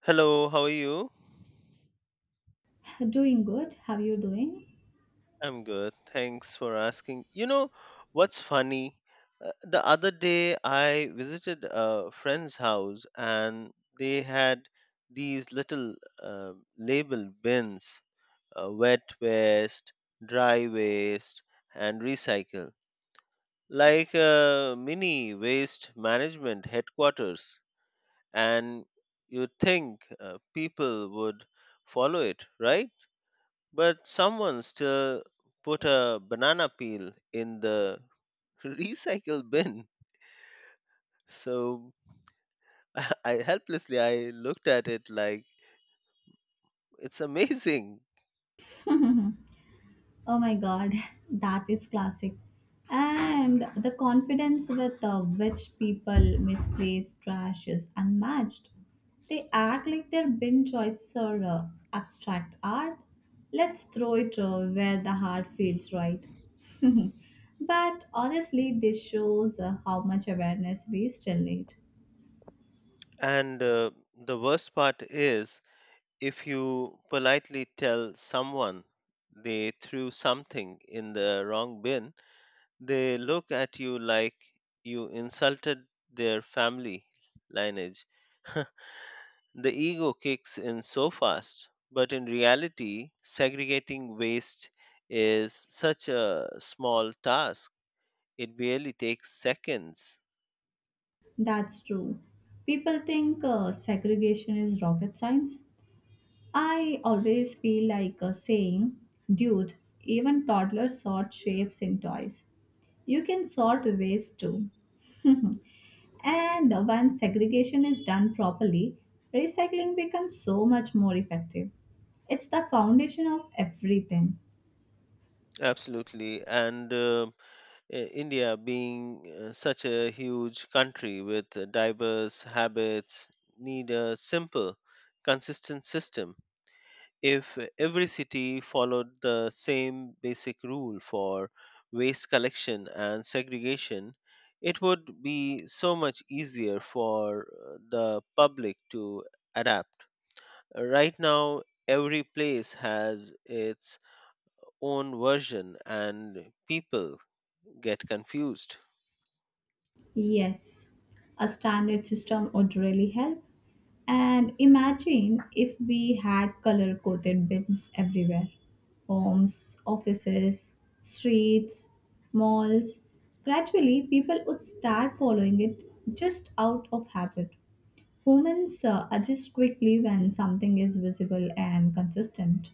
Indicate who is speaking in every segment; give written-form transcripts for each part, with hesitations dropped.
Speaker 1: Hello, how are you?
Speaker 2: Doing good. How you doing?
Speaker 1: I'm good. Thanks for asking. You know, what's funny? The other day I visited a friend's house and they had these little labeled bins, wet waste, dry waste, and recycle, like a mini waste management headquarters. And you'd think people would follow it, right? But someone still put a banana peel in the recycle bin. So I helplessly I looked at it like, it's amazing.
Speaker 2: Oh my God, that is classic. And the confidence with which people misplace trash is unmatched. They act like their bin choices are abstract art. Let's throw it where the heart feels right. But honestly, this shows how much awareness we still need.
Speaker 1: And the worst part is, if you politely tell someone they threw something in the wrong bin, they look at you like you insulted their family lineage. The ego kicks in so fast, but in reality, segregating waste is such a small task. It barely takes seconds.
Speaker 2: That's true. People think segregation is rocket science. I always feel like saying, dude, even toddlers sort shapes in toys. You can sort waste too. And when segregation is done properly, recycling becomes so much more effective. It's the foundation of everything.
Speaker 1: Absolutely. And India, being such a huge country with diverse habits, need a simple, consistent system. If every city followed the same basic rule for waste collection and segregation, it would be so much easier for the public to adapt. Right now, every place has its own version and people get confused.
Speaker 2: Yes, a standard system would really help. And imagine if we had color coded bins everywhere: homes, offices, streets, malls. Gradually, people would start following it just out of habit. Humans adjust quickly when something is visible and consistent.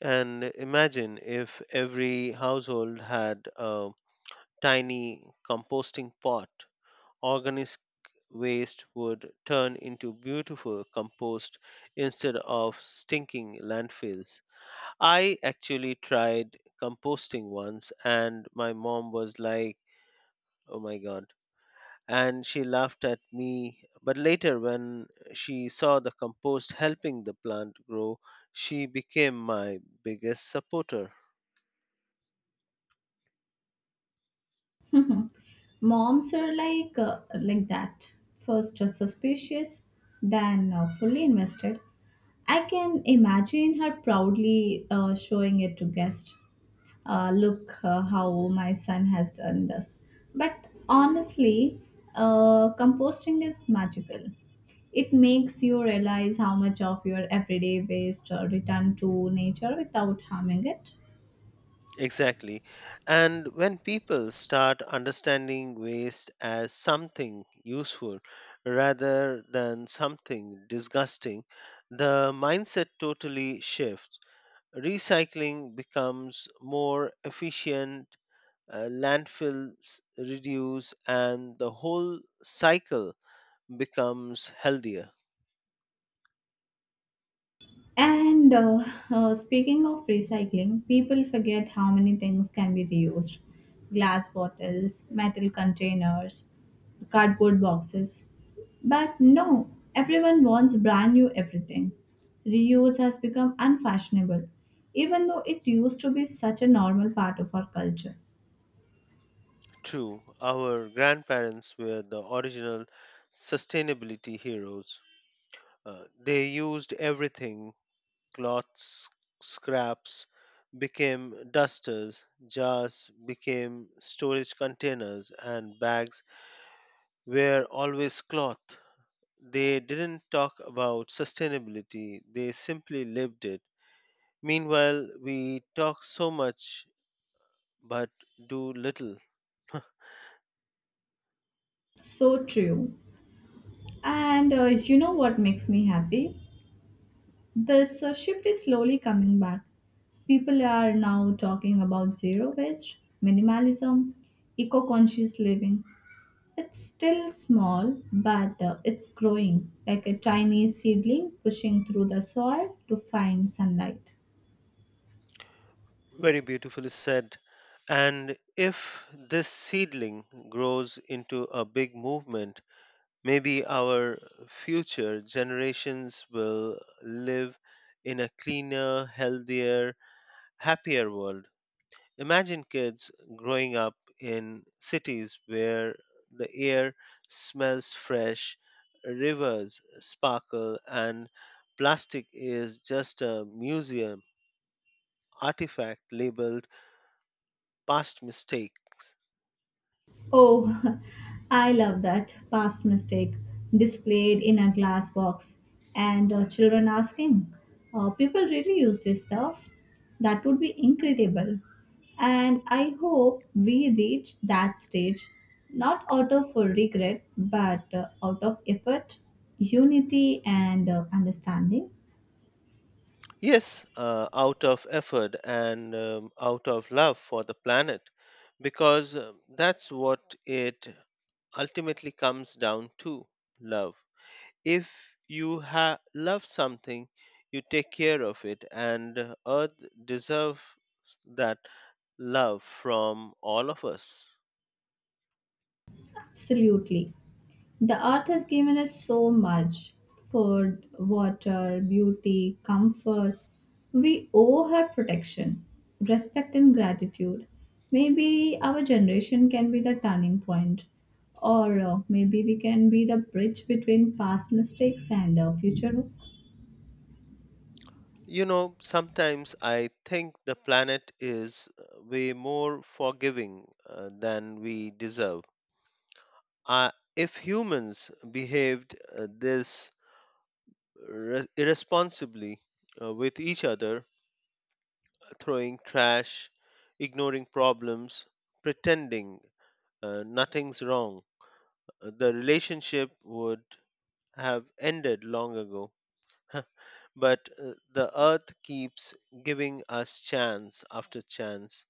Speaker 1: And imagine if every household had a tiny composting pot. Organized waste would turn into beautiful compost instead of stinking landfills. I actually tried composting once and my mom was like, oh my god. And she laughed at me. But later, when she saw the compost helping the plant grow, she became my biggest supporter.
Speaker 2: Moms are like like that. First, suspicious, then fully invested. I can imagine her proudly showing it to guests. Look, how my son has done this. But honestly, composting is magical. It makes you realize how much of your everyday waste return to nature without harming it.
Speaker 1: Exactly. And when people start understanding waste as something useful rather than something disgusting, the mindset totally shifts. Recycling becomes more efficient, landfills reduce, and the whole cycle becomes healthier.
Speaker 2: And Speaking of recycling, people forget how many things can be reused: glass bottles, metal containers, cardboard boxes. But no, everyone wants brand new everything. Reuse has become unfashionable, even though it used to be such a normal part of our culture.
Speaker 1: True, our grandparents were the original sustainability heroes. They used everything, cloth scraps became dusters, jars became storage containers, and bags were always cloth. They didn't talk about sustainability, they simply lived it. Meanwhile, we talk so much but do little.
Speaker 2: So true. And you know what makes me happy? This shift is slowly coming back. People are now talking about zero waste, minimalism, eco conscious living. It's still small, but it's growing like a tiny seedling pushing through the soil to find sunlight.
Speaker 1: Very beautifully said. And if this seedling grows into a big movement, maybe our future generations will live in a cleaner, healthier, happier world. Imagine kids growing up in cities where the air smells fresh, rivers sparkle, and plastic is just a museum artifact labeled past mistakes.
Speaker 2: Oh, I love that past mistake displayed in a glass box and children asking, people really use this stuff? That would be incredible. And I hope we reach that stage, not out of regret, but out of effort, unity, and understanding.
Speaker 1: Yes, out of effort and out of love for the planet, because that's what it ultimately comes down to, love. If you love something, you take care of it, and Earth deserves that love from all of us.
Speaker 2: Absolutely. The earth has given us so much: food, water, beauty, comfort. We owe her protection, respect, and gratitude. Maybe our generation can be the turning point, or maybe we can be the bridge between past mistakes and future hope.
Speaker 1: You know, sometimes I think the planet is way more forgiving than we deserve. Uh, if humans behaved this irresponsibly with each other, throwing trash, ignoring problems, pretending nothing's wrong, the relationship would have ended long ago. But the earth keeps giving us chance after chance,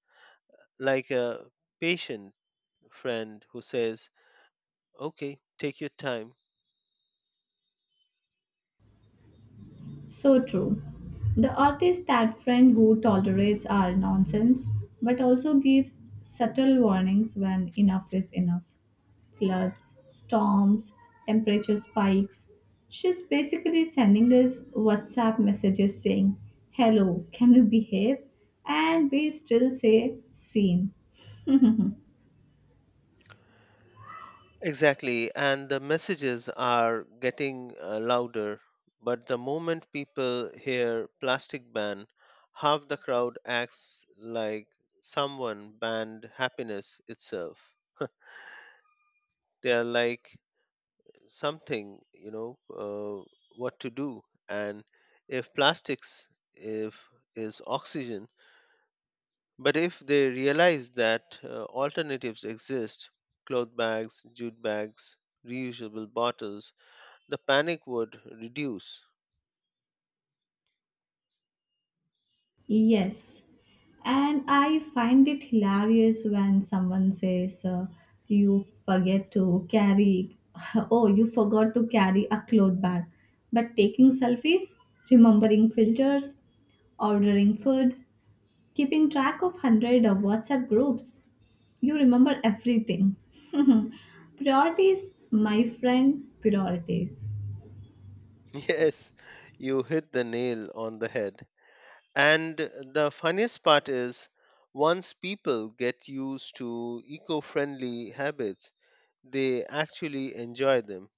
Speaker 1: like a patient friend who says, okay, take your time.
Speaker 2: So true. The artist that friend who tolerates our nonsense but also gives subtle warnings when enough is enough. Floods, storms, temperature spikes. She's basically sending us WhatsApp messages saying, "Hello, can you behave?" And we still say, "Seen."
Speaker 1: Exactly, and the messages are getting louder. But the moment people hear plastic ban, half the crowd acts like someone banned happiness itself. They are like something, you know, what to do. And if plastics if is oxygen, but if they realize that alternatives exist, cloth bags, jute bags, reusable bottles, the panic would reduce.
Speaker 2: Yes, and I find it hilarious when someone says, "You forget to carry," oh, you forgot to carry a cloth bag. But taking selfies, remembering filters, ordering food, keeping track of 100 of WhatsApp groups, you remember everything. Priorities, my friend, priorities.
Speaker 1: Yes, you hit the nail on the head. And the funniest part is, once people get used to eco friendly habits, they actually enjoy them.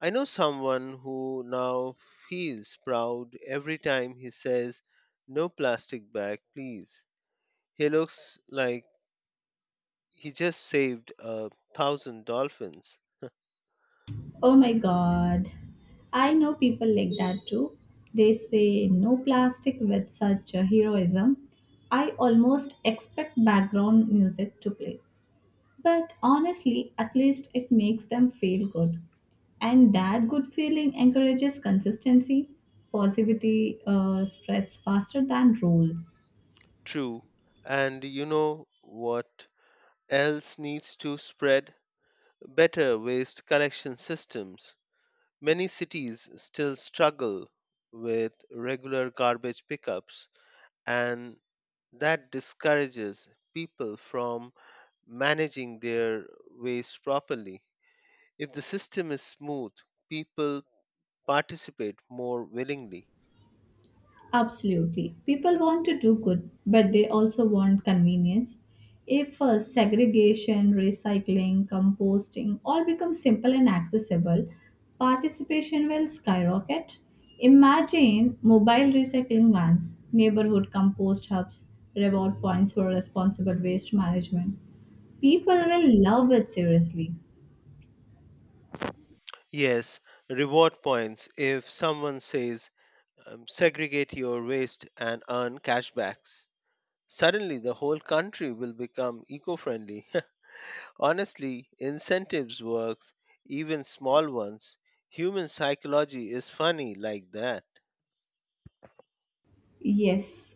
Speaker 1: I know someone who now feels proud every time he says, no plastic bag, please. He looks like he just saved a thousand dolphins.
Speaker 2: Oh my god. I know people like that too. They say no plastic with such a heroism. I almost expect background music to play. But honestly, at least it makes them feel good. And that good feeling encourages consistency. Positivity spreads faster than rules.
Speaker 1: True. And you know what else needs to spread? Better waste collection systems. Many cities still struggle with regular garbage pickups, and that discourages people from managing their waste properly. If the system is smooth, people participate more willingly.
Speaker 2: Absolutely. People want to do good, but they also want convenience. If segregation, recycling, composting all become simple and accessible, participation will skyrocket. Imagine mobile recycling vans, neighborhood compost hubs, reward points for responsible waste management. People will love it seriously.
Speaker 1: Yes, reward points. If someone says, segregate your waste and earn cashbacks, suddenly, the whole country will become eco friendly. Honestly, incentives works, even small ones. Human psychology is funny like that.
Speaker 2: Yes,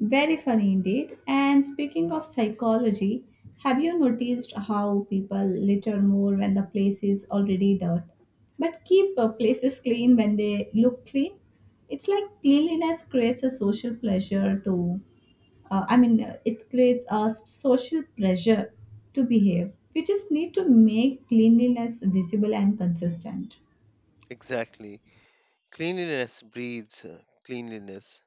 Speaker 2: very funny indeed. And speaking of psychology, have you noticed how people litter more when the place is already dirt, but keep places clean when they look clean? It's like cleanliness creates a social pleasure to, I mean, it creates a social pressure to behave. We just need to make cleanliness visible and consistent.
Speaker 1: Exactly. Cleanliness breeds cleanliness,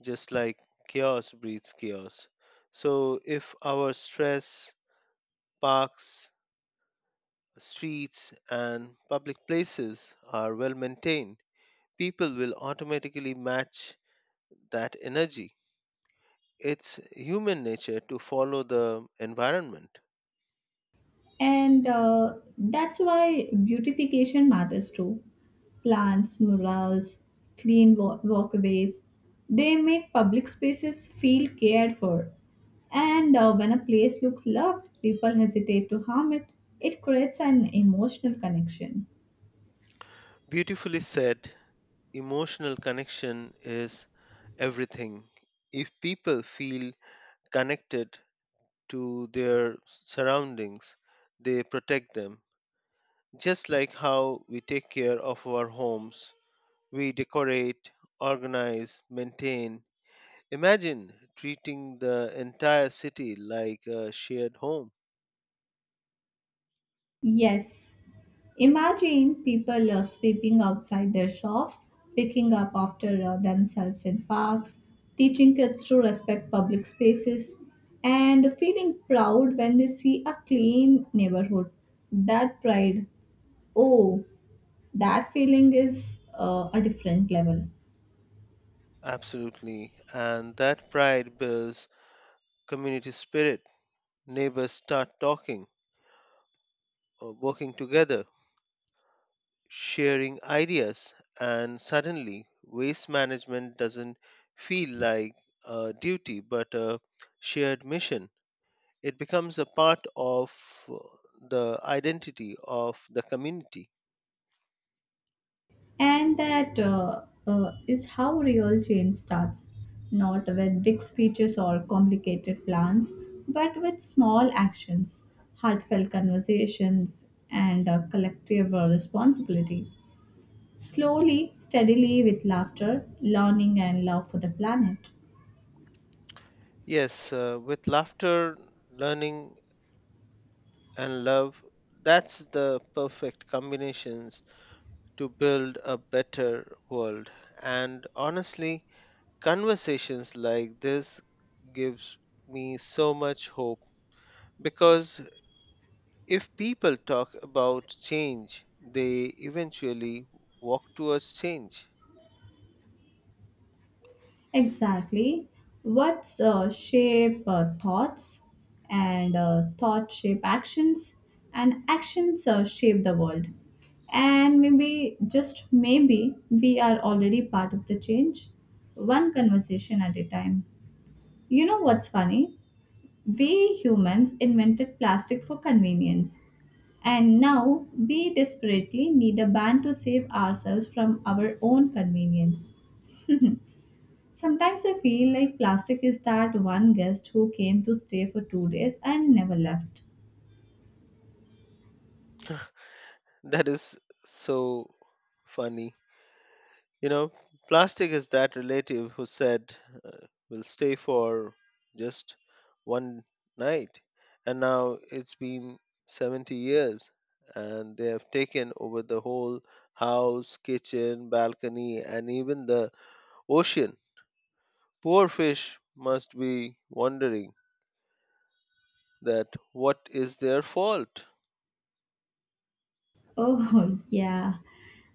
Speaker 1: just like chaos breeds chaos. So, if our stress, parks, streets, and public places are well maintained, people will automatically match that energy. It's human nature to follow the environment.
Speaker 2: And that's why beautification matters too. Plants, murals, clean walkways, they make public spaces feel cared for. And when a place looks loved, people hesitate to harm it. It creates an emotional connection.
Speaker 1: Beautifully said, emotional connection is everything. If people feel connected to their surroundings, they protect them. Just like how we take care of our homes, we decorate, organize, maintain. Imagine treating the entire city like a shared home.
Speaker 2: Yes, imagine people sweeping outside their shops, picking up after themselves in parks, teaching kids to respect public spaces, and feeling proud when they see a clean neighborhood. That pride, oh, that feeling is a different level.
Speaker 1: Absolutely. And that pride builds community spirit. Neighbors start talking or working together, sharing ideas, and suddenly waste management doesn't feel like a duty but a shared mission. It becomes a part of uh, the identity of the community.
Speaker 2: And that is how real change starts, not with big speeches or complicated plans, but with small actions, heartfelt conversations, and a collective responsibility. Slowly, steadily, with laughter, learning, and love for the planet.
Speaker 1: Yes, with laughter, learning, and love, that's the perfect combinations to build a better world. And honestly, conversations like this gives me so much hope, because if people talk about change, they eventually walk towards change.
Speaker 2: Exactly. What's shape thoughts and thought shape actions and actions shape the world. And maybe, just maybe, we are already part of the change, one conversation at a time. You know what's funny? We humans invented plastic for convenience. And now we desperately need a ban to save ourselves from our own convenience. Sometimes I feel like plastic is that one guest who came to stay for 2 days and never left.
Speaker 1: That is so funny. You know, plastic is that relative who said, we'll stay for just one night. And now it's been 70 years, and they have taken over the whole house, kitchen, balcony, and even the ocean. Poor fish must be wondering that what is their fault?
Speaker 2: Oh, yeah.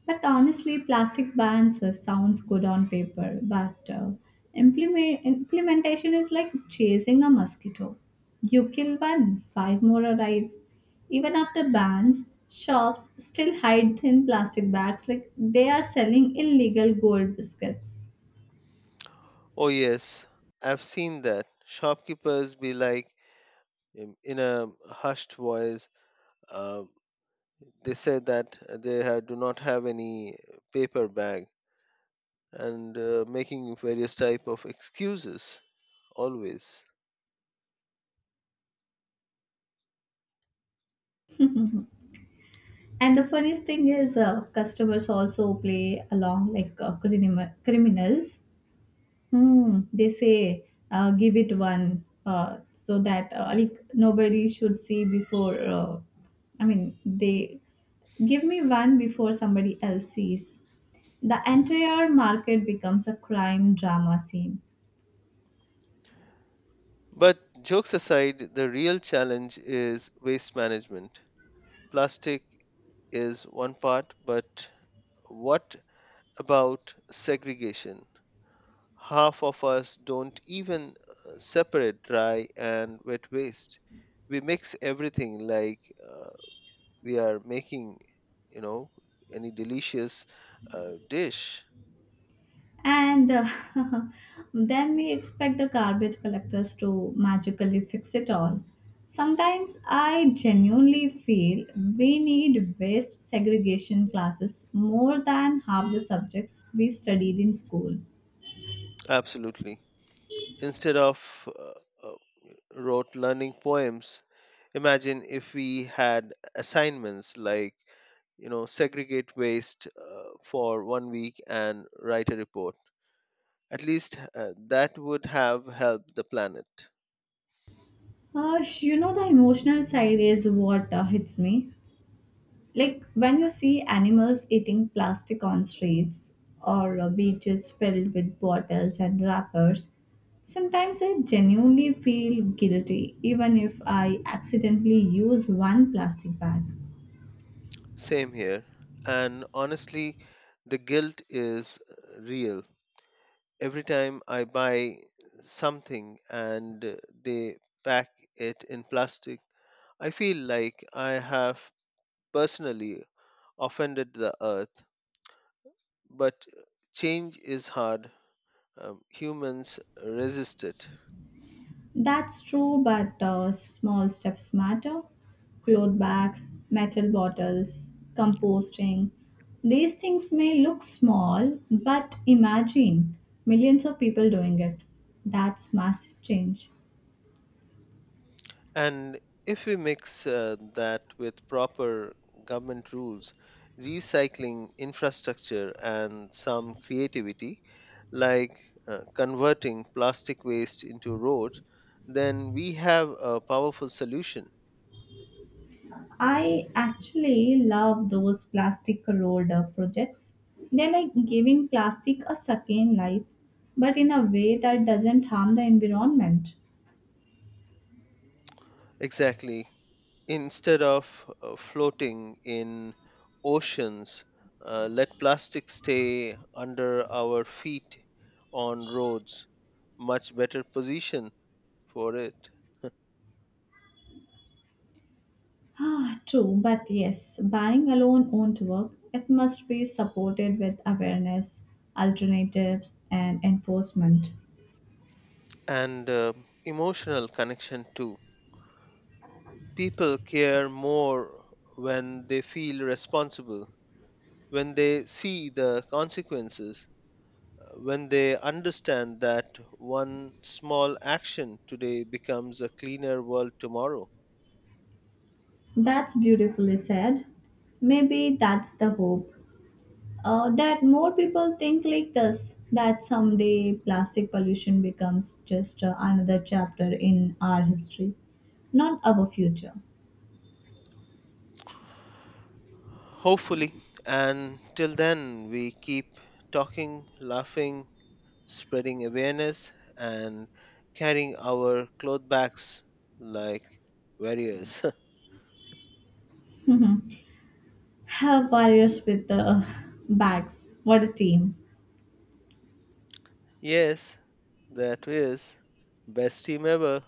Speaker 2: But honestly, plastic bans sounds good on paper, but implementation is like chasing a mosquito. You kill one, five more arrive. Even after bans, shops still hide thin plastic bags like they are selling illegal gold biscuits.
Speaker 1: Oh, yes, I've seen that. Shopkeepers be like, in a hushed voice, uh, they said that they do not have any paper bag and making various type of excuses always.
Speaker 2: And the funniest thing is, customers also play along like criminals. Hmm, they say, give it one, so that like nobody should see before. They give me one before somebody else sees. The entire market becomes a crime drama scene.
Speaker 1: But jokes aside, the real challenge is waste management. Plastic is one part, but what about segregation? Half of us don't even separate dry and wet waste. We mix everything like, uh, we are making, you know, any delicious dish.
Speaker 2: And then we expect the garbage collectors to magically fix it all. Sometimes I genuinely feel we need waste segregation classes more than half the subjects we studied in school.
Speaker 1: Absolutely. Instead of rote learning poems, imagine if we had assignments like, you know, segregate waste for 1 week and write a report. At least that would have helped the planet.
Speaker 2: You know, the emotional side is what hits me. Like when you see animals eating plastic on streets or beaches filled with bottles and wrappers, sometimes I genuinely feel guilty even if I accidentally use one plastic bag.
Speaker 1: Same here, and honestly, the guilt is real. Every time I buy something and they pack it in plastic, I feel like I have personally offended the earth. But change is hard. Humans resist it.
Speaker 2: That's true, but small steps matter. Cloth bags, metal bottles, composting. These things may look small, but imagine millions of people doing it. That's massive change.
Speaker 1: And if we mix that with proper government rules, recycling infrastructure, and some creativity, like converting plastic waste into roads, then we have a powerful solution.
Speaker 2: I actually love those plastic road projects. They're like giving plastic a second life, but in a way that doesn't harm the environment.
Speaker 1: Exactly. Instead of floating in oceans, let plastic stay under our feet on roads. Much better position for it.
Speaker 2: Ah, true, but yes, banning alone won't work. It must be supported with awareness, alternatives, and enforcement.
Speaker 1: And emotional connection too. People care more when they feel responsible, when they see the consequences, when they understand that one small action today becomes a cleaner world tomorrow.
Speaker 2: That's beautifully said. Maybe that's the hope, that more people think like this, that someday plastic pollution becomes just another chapter in our history, not our future.
Speaker 1: Hopefully, and till then, we keep talking, laughing, spreading awareness, and carrying our cloth bags like warriors.
Speaker 2: Have warriors with the bags, what a team.
Speaker 1: Yes, that is best team ever.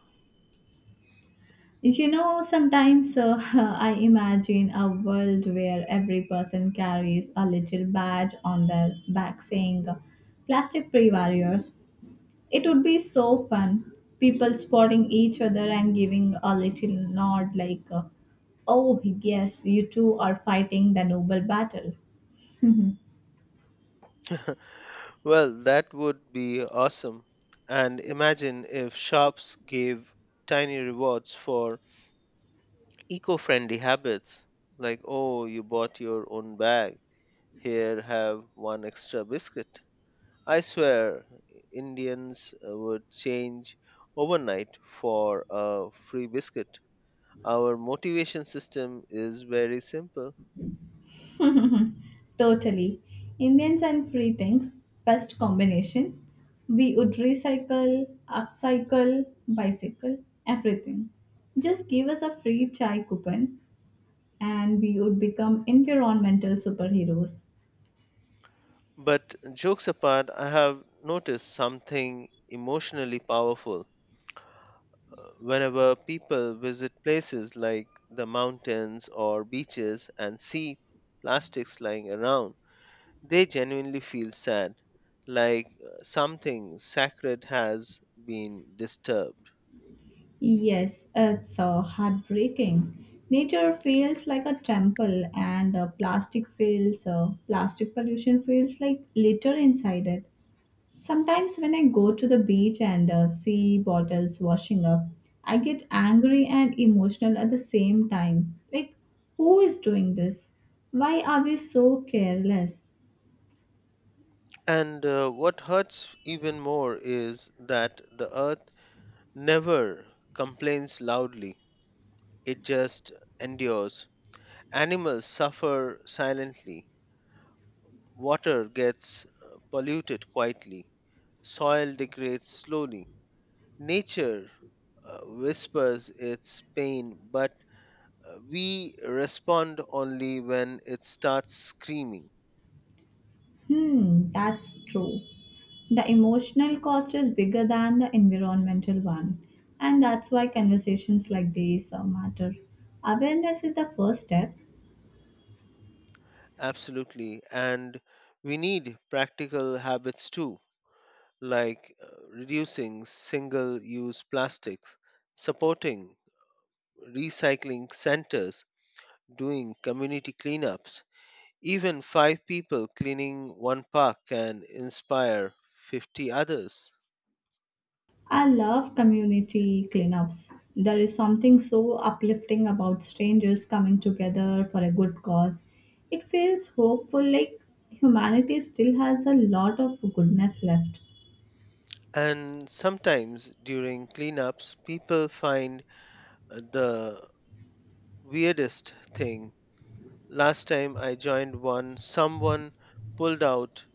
Speaker 2: You know, sometimes I imagine a world where every person carries a little badge on their back saying plastic free warriors. It would be so fun. People spotting each other and giving a little nod like, oh, yes, you two are fighting the noble battle.
Speaker 1: Well, that would be awesome. And imagine if shops gave tiny rewards for eco friendly habits like, oh, you bought your own bag, here have one extra biscuit. I swear, Indians would change overnight for a free biscuit. Our motivation system is very simple.
Speaker 2: Totally. Indians and free things, best combination. We would recycle, upcycle, bicycle, everything. Just give us a free chai coupon and we would become environmental superheroes.
Speaker 1: But jokes apart, I have noticed something emotionally powerful. Whenever people visit places like the mountains or beaches and see plastics lying around, they genuinely feel sad, like something sacred has been disturbed.
Speaker 2: Yes, it's heartbreaking. Nature feels like a temple, and plastic pollution feels like litter inside it. Sometimes when I go to the beach and see bottles washing up, I get angry and emotional at the same time. Like, who is doing this? Why are we so careless?
Speaker 1: And what hurts even more is that the earth never complains loudly, it just endures. Animals suffer silently. Water gets polluted quietly. Soil degrades slowly. Nature whispers its pain, but we respond only when it starts screaming.
Speaker 2: Hmm, that's true. The emotional cost is bigger than the environmental one, and that's why conversations like these matter. Awareness is the first step.
Speaker 1: Absolutely. And we need practical habits too, like reducing single use plastics, supporting recycling centers, doing community cleanups. Even five people cleaning one park can inspire 50 others.
Speaker 2: I love community cleanups. There is something so uplifting about strangers coming together for a good cause. It feels hopeful, like humanity still has a lot of goodness left.
Speaker 1: And sometimes during cleanups, people find the weirdest thing. Last time I joined one, someone pulled out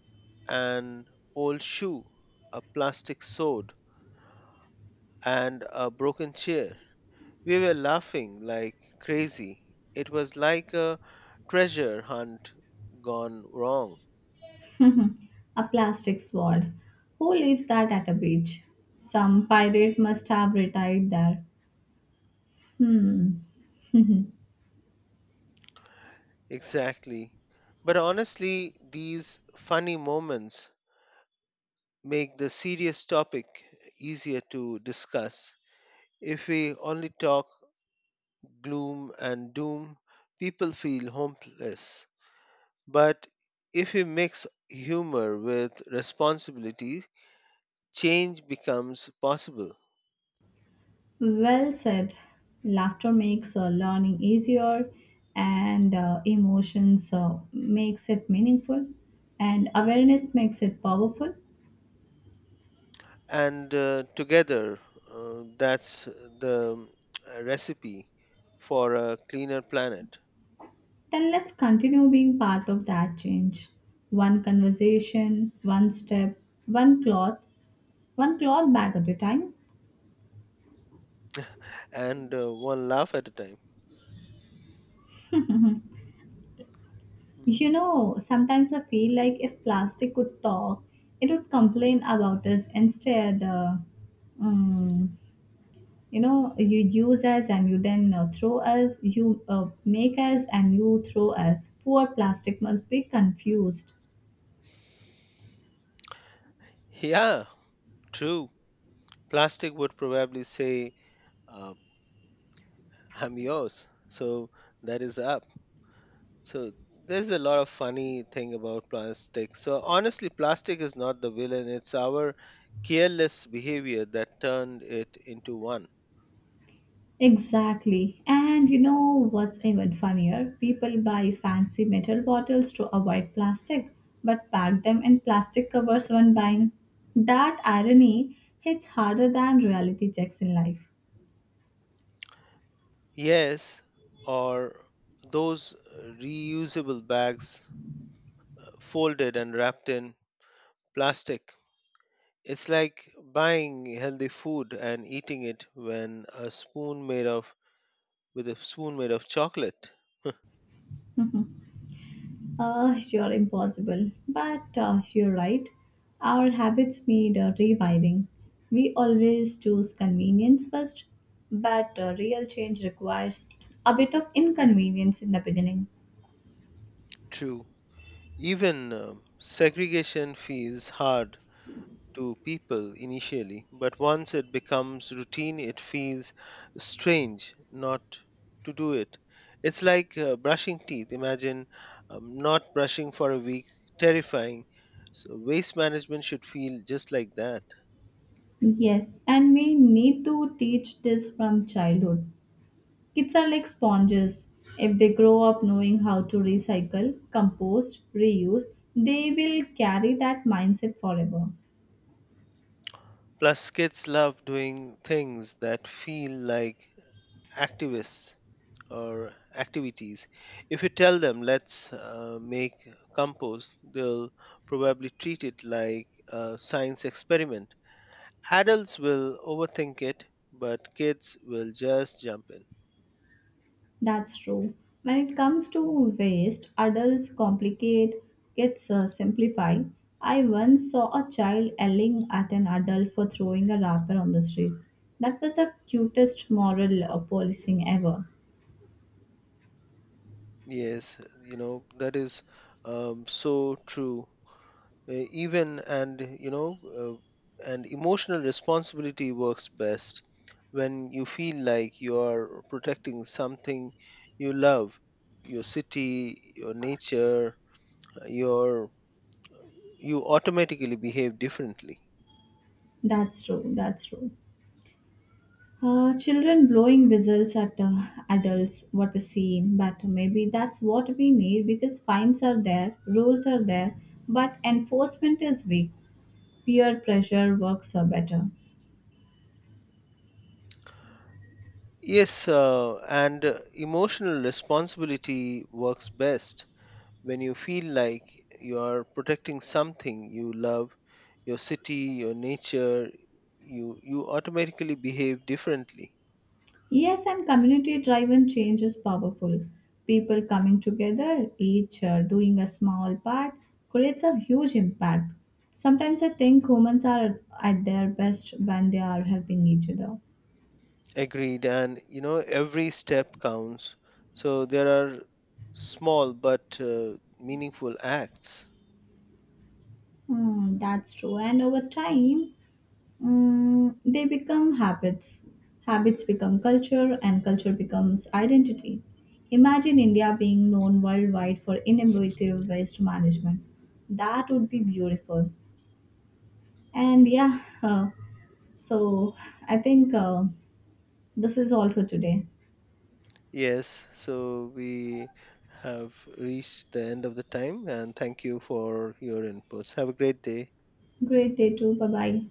Speaker 1: an old shoe, a plastic sword, and a broken chair. We were laughing like crazy. It was like a treasure hunt gone wrong.
Speaker 2: A plastic sword. Who leaves that at a beach? Some pirate must have retired there.
Speaker 1: Exactly. But honestly, these funny moments make the serious topic easier to discuss. If we only talk gloom and doom, people feel hopeless. But if we mix humor with responsibility, change becomes possible.
Speaker 2: Well said. Laughter makes learning easier and emotions makes it meaningful and awareness makes it powerful.
Speaker 1: And together, that's the recipe for a cleaner planet.
Speaker 2: Then let's continue being part of that change. One conversation, one step, one cloth, one cloth bag at a time.
Speaker 1: And one laugh at a time. Mm-hmm.
Speaker 2: You know, sometimes I feel like if plastic could talk, it would complain about us instead. Um, you know, you use us and you then throw us, you make us and you throw us. Poor plastic must be confused.
Speaker 1: Yeah, true. Plastic would probably say, uh, I'm yours. So that is up. So there's a lot of funny thing about plastic. So honestly, plastic is not the villain. It's our careless behavior that turned it into one.
Speaker 2: Exactly. And you know what's even funnier? People buy fancy metal bottles to avoid plastic, but pack them in plastic covers when buying. That irony hits harder than reality checks in life.
Speaker 1: Yes, or those reusable bags folded and wrapped in plastic. It's like buying healthy food and eating it when a spoon made of with a spoon made of chocolate.
Speaker 2: Hmm. Sure, impossible. But you're right. Our habits need rewiring. We always choose convenience first, but real change requires a bit of inconvenience in the beginning.
Speaker 1: True, even segregation feels hard to people initially, but once it becomes routine, it feels strange not to do it. It's like brushing teeth. Imagine not brushing for a week, terrifying. So, waste management should feel just like that.
Speaker 2: Yes, and we need to teach this from childhood. Kids are like sponges. If they grow up knowing how to recycle, compost, reuse, they will carry that mindset forever.
Speaker 1: Plus, kids love doing things that feel like activists or activities. If you tell them, let's make compost, they'll probably treat it like a science experiment. Adults will overthink it, but kids will just jump in.
Speaker 2: That's true. When it comes to waste, adults complicate, gets simplify. I once saw a child yelling at an adult for throwing a wrapper on the street. That was the cutest moral policing ever.
Speaker 1: Yes, you know, that is so true. Even and you know and emotional responsibility works best when you feel like you are protecting something you love, your city, your nature, your you automatically behave differently.
Speaker 2: That's true. Children blowing whistles at adults, what a scene. But maybe that's what we need because fines are there, rules are there, but enforcement is weak. Peer pressure works better.
Speaker 1: Yes, and emotional responsibility works best when you feel like you are protecting something you love, your city, your nature, you automatically behave differently.
Speaker 2: Yes, and community driven change is powerful. People coming together, each doing a small part, creates a huge impact. Sometimes I think humans are at their best when they are helping each other.
Speaker 1: Agreed. And you know, every step counts. So there are small but meaningful acts.
Speaker 2: Mm, that's true. And over time, they become habits. Habits become culture, and culture becomes identity. Imagine India being known worldwide for innovative waste management. That would be beautiful. And yeah, so I think this is all for today.
Speaker 1: Yes. So we have reached the end of the time. And thank you for your inputs. Have a great day.
Speaker 2: Great day too. Bye bye.